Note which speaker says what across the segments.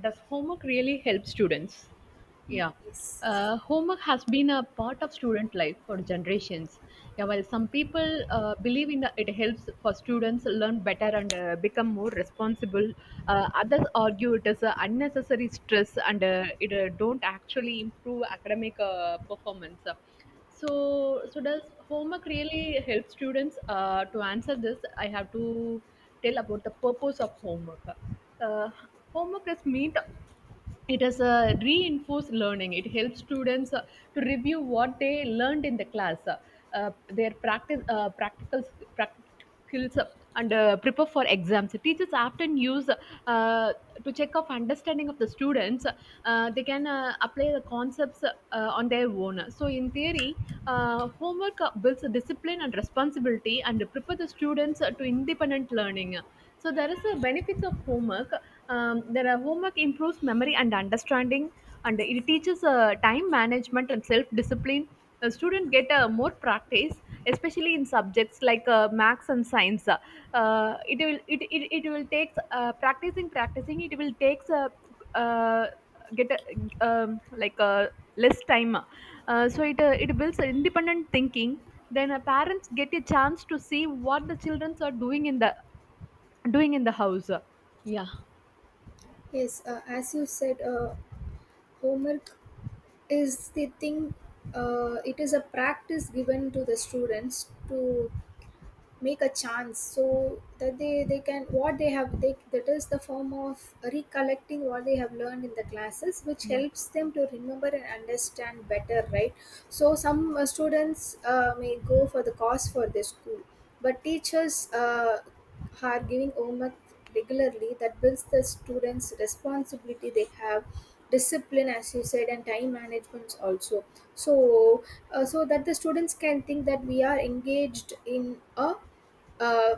Speaker 1: Does homework really help students? Yeah.
Speaker 2: Yes,
Speaker 1: Homework has been a part of student life for generations. Yeah, while some people believe in that it helps for students learn better and become more responsible, others argue it is a unnecessary stress and it don't actually improve academic performance. So does homework really help students? To answer this, I have to tell about the purpose of homework. uh, Homework is meant, it is a reinforced learning. It helps students to review what they learned in the class, their practice, practical skills, and prepare for exams. Teachers often use uh, to check of understanding of the students. They can apply the concepts on their own. So in theory, homework builds discipline and responsibility and prepare the students to independent learning. So there is a benefits of homework. There are, homework improves memory and understanding, and it teaches time management and self discipline. The student get more practice, especially in subjects like maths and science. It will takes practicing, practicing, it will takes uh, get a, like less time. So it builds independent thinking. Then parents get a chance to see what the children are doing in the house yeah.
Speaker 2: yes. As you said, homework is the thing. It is a practice given to the students to make a chance so that they can what they have they, that is the form of recollecting what they have learned in the classes, which
Speaker 1: Yeah.
Speaker 2: helps them to remember and understand better, right? So some students may go for the course for their school, but teachers are giving homework regularly, that builds the students responsibility. They have discipline as you said, and time management also. So so that the students can think that we are engaged in a uh,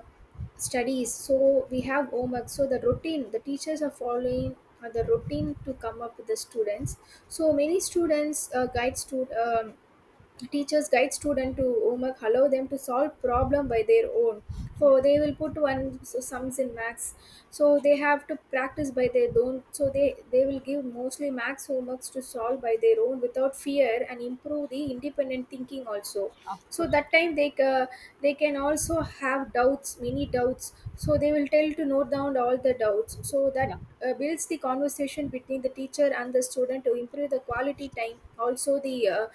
Speaker 2: studies, so we have homework. So the routine, the teachers are following the routine to come up with the students. So many students guide stud teachers guide student to homework, allow them to solve problem by their own. So they will put one, so sums in max, so they have to practice by their own. So they will give mostly max homeworks to solve by their own without fear and improve the independent thinking also. So that time they can also have doubts, many doubts, so they will tell to note down all the doubts so that builds the conversation between the teacher and the student to improve the quality time also. The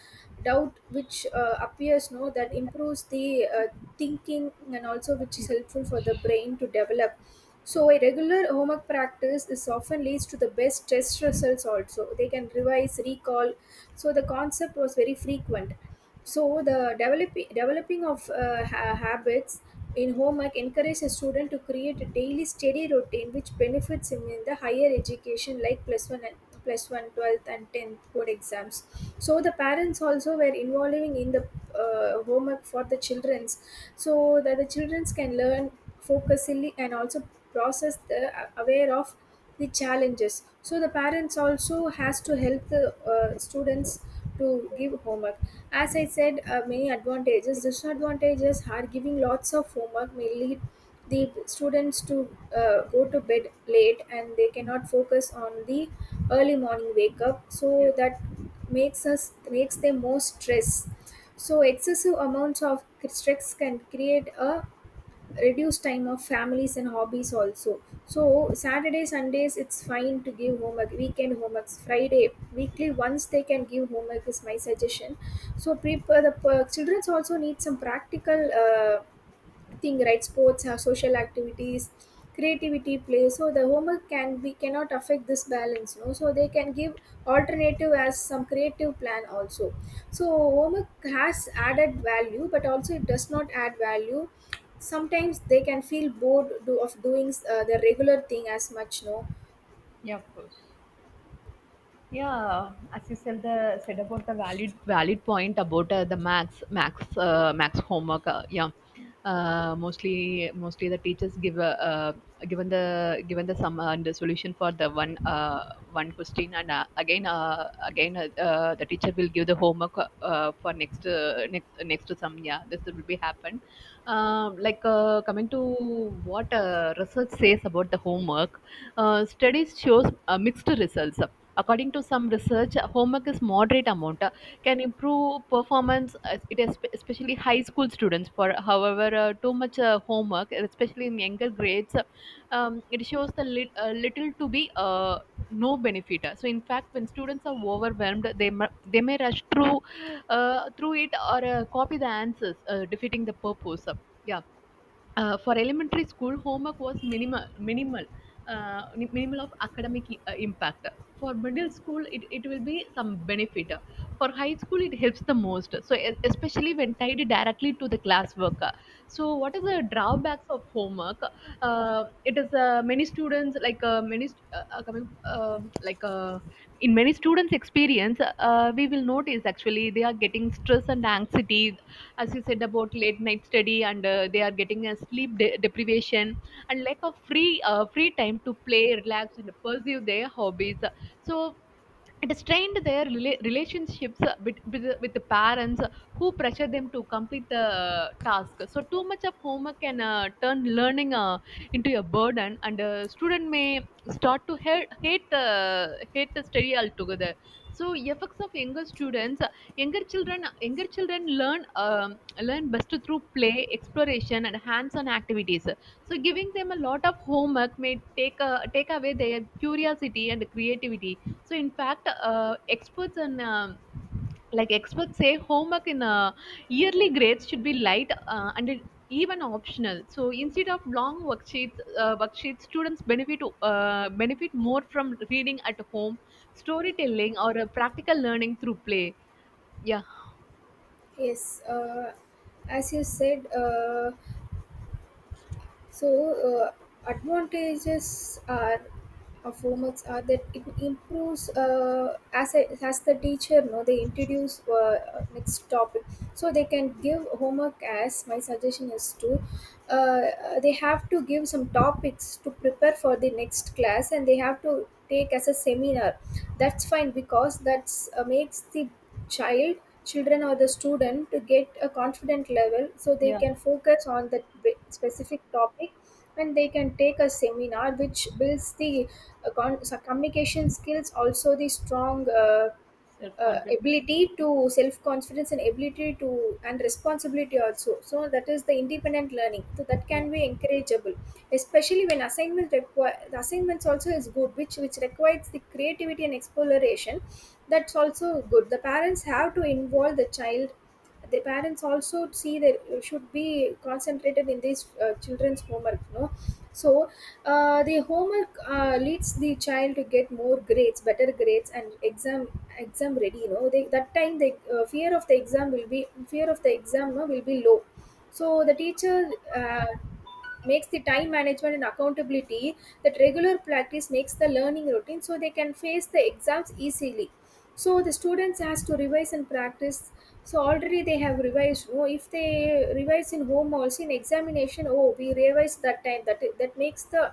Speaker 2: doubt which appears no, that improves the thinking and also which is helpful for the brain to develop. So a regular homework practice is often leads to the best test results. Also they can revise, recall, so the concept was very frequent. So the developing of habits in homework encourages a student to create a daily steady routine which benefits him in the higher education like plus one and plus one 12th and 10th board exams. So the parents also were involving in the homework for the childrens so that the childrens can learn focusingly and also process the aware of the challenges. So the parents also has to help the students to give homework, as I said, many advantages. Disadvantages are giving lots of homework may lead the students to go to bed late and they cannot focus on the early morning wake up.
Speaker 1: Yeah.
Speaker 2: So that makes them more stress. So excessive amounts of stress can create a reduce time of families and hobbies also. So Saturday Sundays, it's fine to give homework, weekend homeworks, Friday weekly once they can give homework is my suggestion. So prepare the childrens also need some practical thing, right? Sports have social activities, creativity, play, so the homework can, we cannot affect this balance no, so they can give alternative as some creative plan also. So homework has added value but also it does not add value. Sometimes they can feel bored do, of doing the regular thing as much no.
Speaker 1: Yeah, as you said, the said about the valid point about the max homework. Yeah, mostly the teachers give a given the sum and the solution for the one one question, and again again the teacher will give the homework for next next to some. Yeah, this will be happen. Coming to what research says about the homework, studies shows mixed results. According to some research, homework is moderate amount can improve performance. It is especially high school students for. However, too much homework, especially in younger grades, it shows the little to be no benefit. So in fact, when students are overwhelmed, they may rush through through it or copy the answers, defeating the purpose. Yeah. For elementary school, homework was minimal, minimal of academic impact. For middle school, it will be some benefit. For high school, it helps the most. So especially when tied directly to the classwork. So what are the drawbacks of homework? It is many students like many st- coming like In many students' experience, we will notice actually they are getting stress and anxiety, as you said, about late night study, and they are getting a deprivation and lack of free free time to play, relax, and pursue their hobbies. So it strained their relationships with the parents who pressure them to complete the task. So too much of homework can turn learning into a burden, and a student may start to hate the study altogether. So effects of younger students, younger children learn learn best through play, exploration, and hands-on activities. So giving them a lot of homework may take away their curiosity and creativity. So in fact, experts and like experts say homework in yearly grades should be light and even optional. So instead of long worksheets worksheets, students benefit more from reading at home, storytelling, or practical learning through play. Yeah.
Speaker 2: Yes, as you said, so, advantages are, of formats are, that it improves as a, as the teacher know, they introduce next topic, so they can give homework. As my suggestion is to, they have to give some topics to prepare for the next class, and they have to take as a seminar. That's fine, because that's makes the child, children or the student to get a confident level so they can focus on that specific topic and they can take a seminar, which builds the so communication skills, also the strong ability to self confidence and ability to and responsibility also. So that is the independent learning, so that can be encourageable, especially when assignment require, the assignments also is good, which requires the creativity and exploration. That's also good. The parents have to involve the child, the parents also see that should be concentrated in these children's homework no. So the homework leads the child to get more grades, better grades, and exam ready. You know, they, that time the fear of the exam will be, fear of the exam no, will be low. So the teacher makes the time management and accountability. That regular practice makes the learning routine, so they can face the exams easily. So the students has to revise and practice. So already they have revised no, if they revise in home also, in examination, oh, we revised that time, that that makes the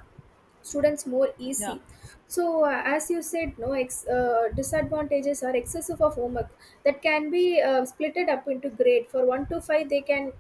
Speaker 2: students more easy. So as you said no, disadvantages are excessive of homework. That can be splitted up into grade for 1 to 5, they can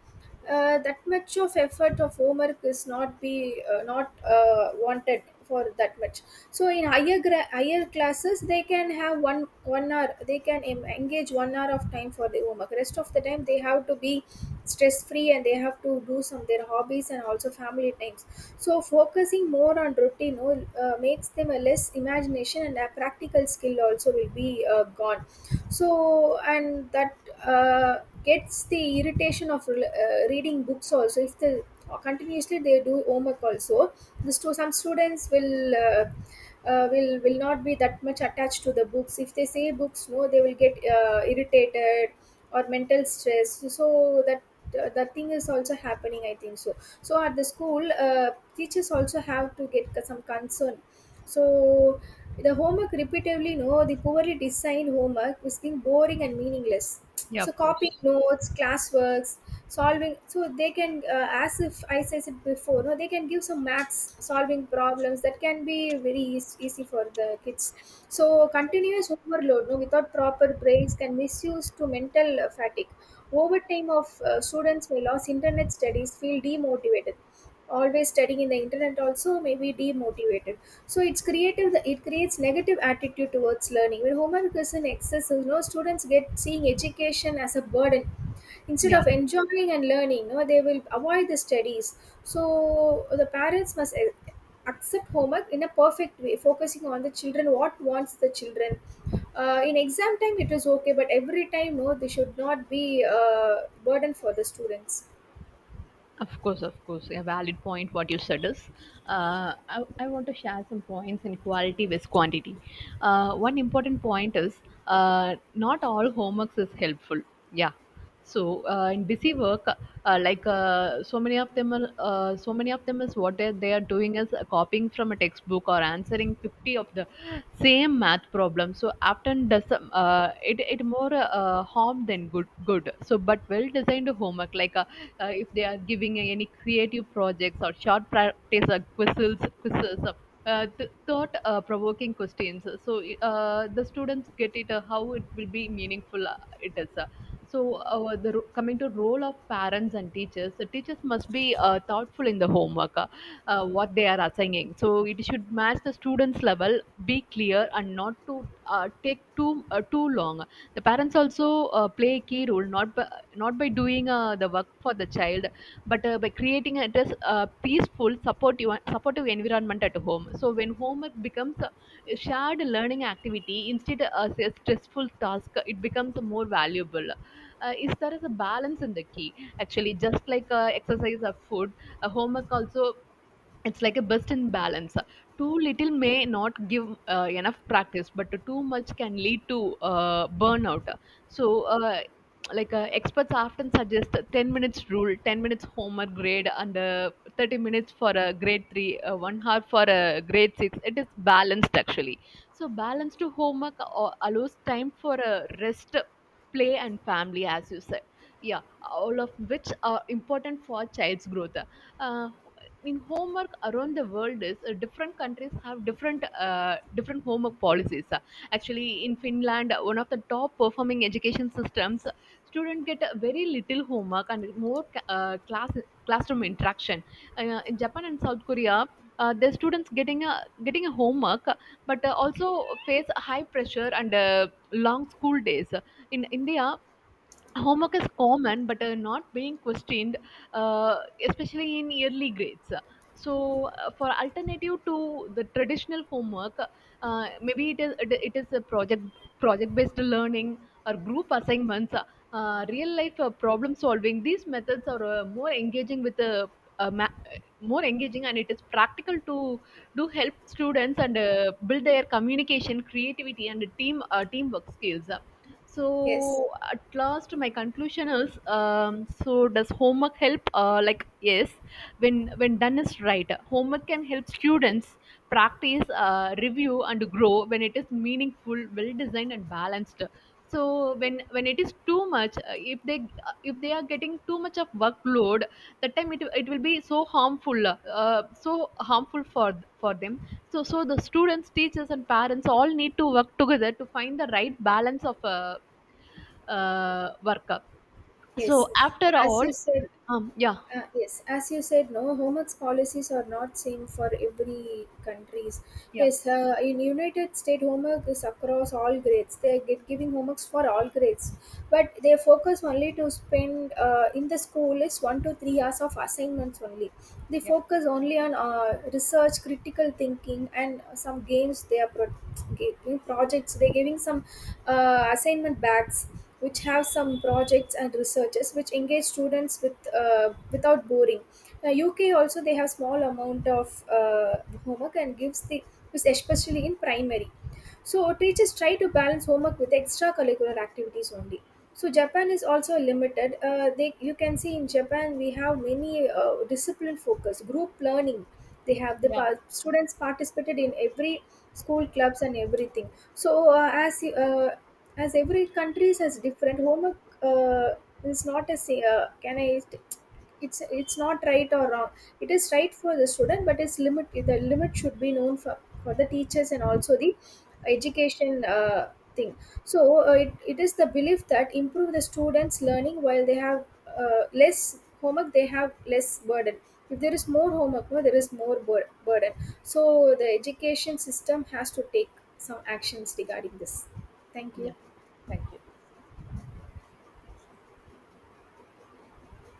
Speaker 2: that much of effort of homework is not be not wanted for that much. So in higher classes they can have one hour they can engage 1 hour of time for the homework. Rest of the time they have to be stress free and they have to do some their hobbies and also family time. So focusing more on routine, oh, makes them a less imagination, and a practical skill also will be gone. So and that uh, gets the irritation of reading books also. If the continuously they do homework also, this to some students will. Will not be that much attached to the books. If they say books no, they will get irritated or mental stress. So that that thing is also happening, I think so. So at the school, teachers also have to get some concern. So the homework repeatedly no, the poorly designed homework is being boring and meaningless.
Speaker 1: Yeah,
Speaker 2: So
Speaker 1: of
Speaker 2: copying
Speaker 1: course.
Speaker 2: notes, classworks, solving, so they can as if I said it before no, they can give some maths solving problems that can be very easy for the kids. So continuous overload no, without proper breaks can misuse to mental fatigue over time. Of students may lose internet studies, feel demotivated. Always studying in the internet also may be demotivated. So it's creative. It creates negative attitude towards learning. When homework is in excess, you know, students get seeing education as a burden. Instead
Speaker 1: Yeah.
Speaker 2: of enjoying and learning, no, they will avoid the studies. So the parents must accept homework in a perfect way, focusing on the children, what wants the children. In exam time, it is okay, but every time, no, they should not be a burden for the students.
Speaker 1: Of course, a valid point what you said is. I want to share some points in quality with quantity. One important point is not all homeworks is helpful. Yeah. So in busy work, like so many of them are, so many of them is what they are doing is copying from a textbook or answering 50 of the same math problem. So often does it more harm than good. So but well designed homework, like if they are giving any creative projects or short practice quizzes uh, thought provoking questions, so the students get it how it will be meaningful. It is. So, coming to role of parents and teachers, the teachers must be thoughtful in the homework, what they are assigning. So, it should match the students' level, be clear, and not to take too too long. The parents also play a key role, not by, not by doing the work for the child, but by creating a just peaceful, supportive environment at home. So when homework becomes a shared learning activity instead of a stressful task, it becomes more valuable. Is There is a balance in the key, actually. Just like exercise or food, homework also, it's like a best in balance. Too little may not give enough practice, but too much can lead to burnout. So experts often suggest a 10 minutes rule: 10 minutes homework grade, and 30 minutes for a grade 3, 1 hour for a grade 6. It is balanced, actually. So balanced homework allows time for a rest, play, and family, as you said. Yeah. All of which are important for child's growth. uh, in homework around the world is, different countries have different different homework policies. Actually, in Finland, one of the top performing education systems, students get a very little homework and more classroom interaction. In Japan and South Korea, the students getting a homework, but also face high pressure and long school days. In India, homework is common but not being questioned, uh, especially in yearly grades. So for alternative to the traditional homework, maybe it is a project based learning or group assignments, real life problem solving. These methods are more engaging with the uh, ma- uh, more engaging, and it is practical to do, help students, and build their communication, creativity, and teamwork skills.
Speaker 2: Yes,
Speaker 1: So at last, my conclusion is: so does homework help? Like yes, when done is right, homework can help students practice, review, and grow when it is meaningful, well designed, and balanced. So when it is too much, if they are getting too much of workload, that time it will be so harmful, so harmful for them. So the students, teachers, and parents all need to work together to find the right balance of work.
Speaker 2: yes.
Speaker 1: So after
Speaker 2: As
Speaker 1: all,
Speaker 2: you said,
Speaker 1: yeah.
Speaker 2: Yes, as you said, no, homeworks policies are not same for every countries. Yes, in United States, homework is across all grades. They are giving homeworks for all grades, but their focus only to spend in the school is 1 to 3 hours of assignments only. They focus only on research, critical thinking, and some games. They are giving projects. They are giving some assignment bags which have some projects and researches which engage students with without boring. Now, UK also they have small amount of homework and gives the is especially in primary. So teachers try to balance homework with extracurricular activities only. So Japan is also limited. They, you can see in Japan we have many discipline focus group learning. They have the students participated in every school clubs and everything. So as every country has different homework, is not a say, can I, it's not right or wrong. It is right for the student, but its limit, the limit should be known for the teachers and also the education thing. So it, it is the belief that improve the students learning, while they have less homework they have less burden. If there is more homework no, there is more burden. So the education system has to take some actions regarding this. Thank you.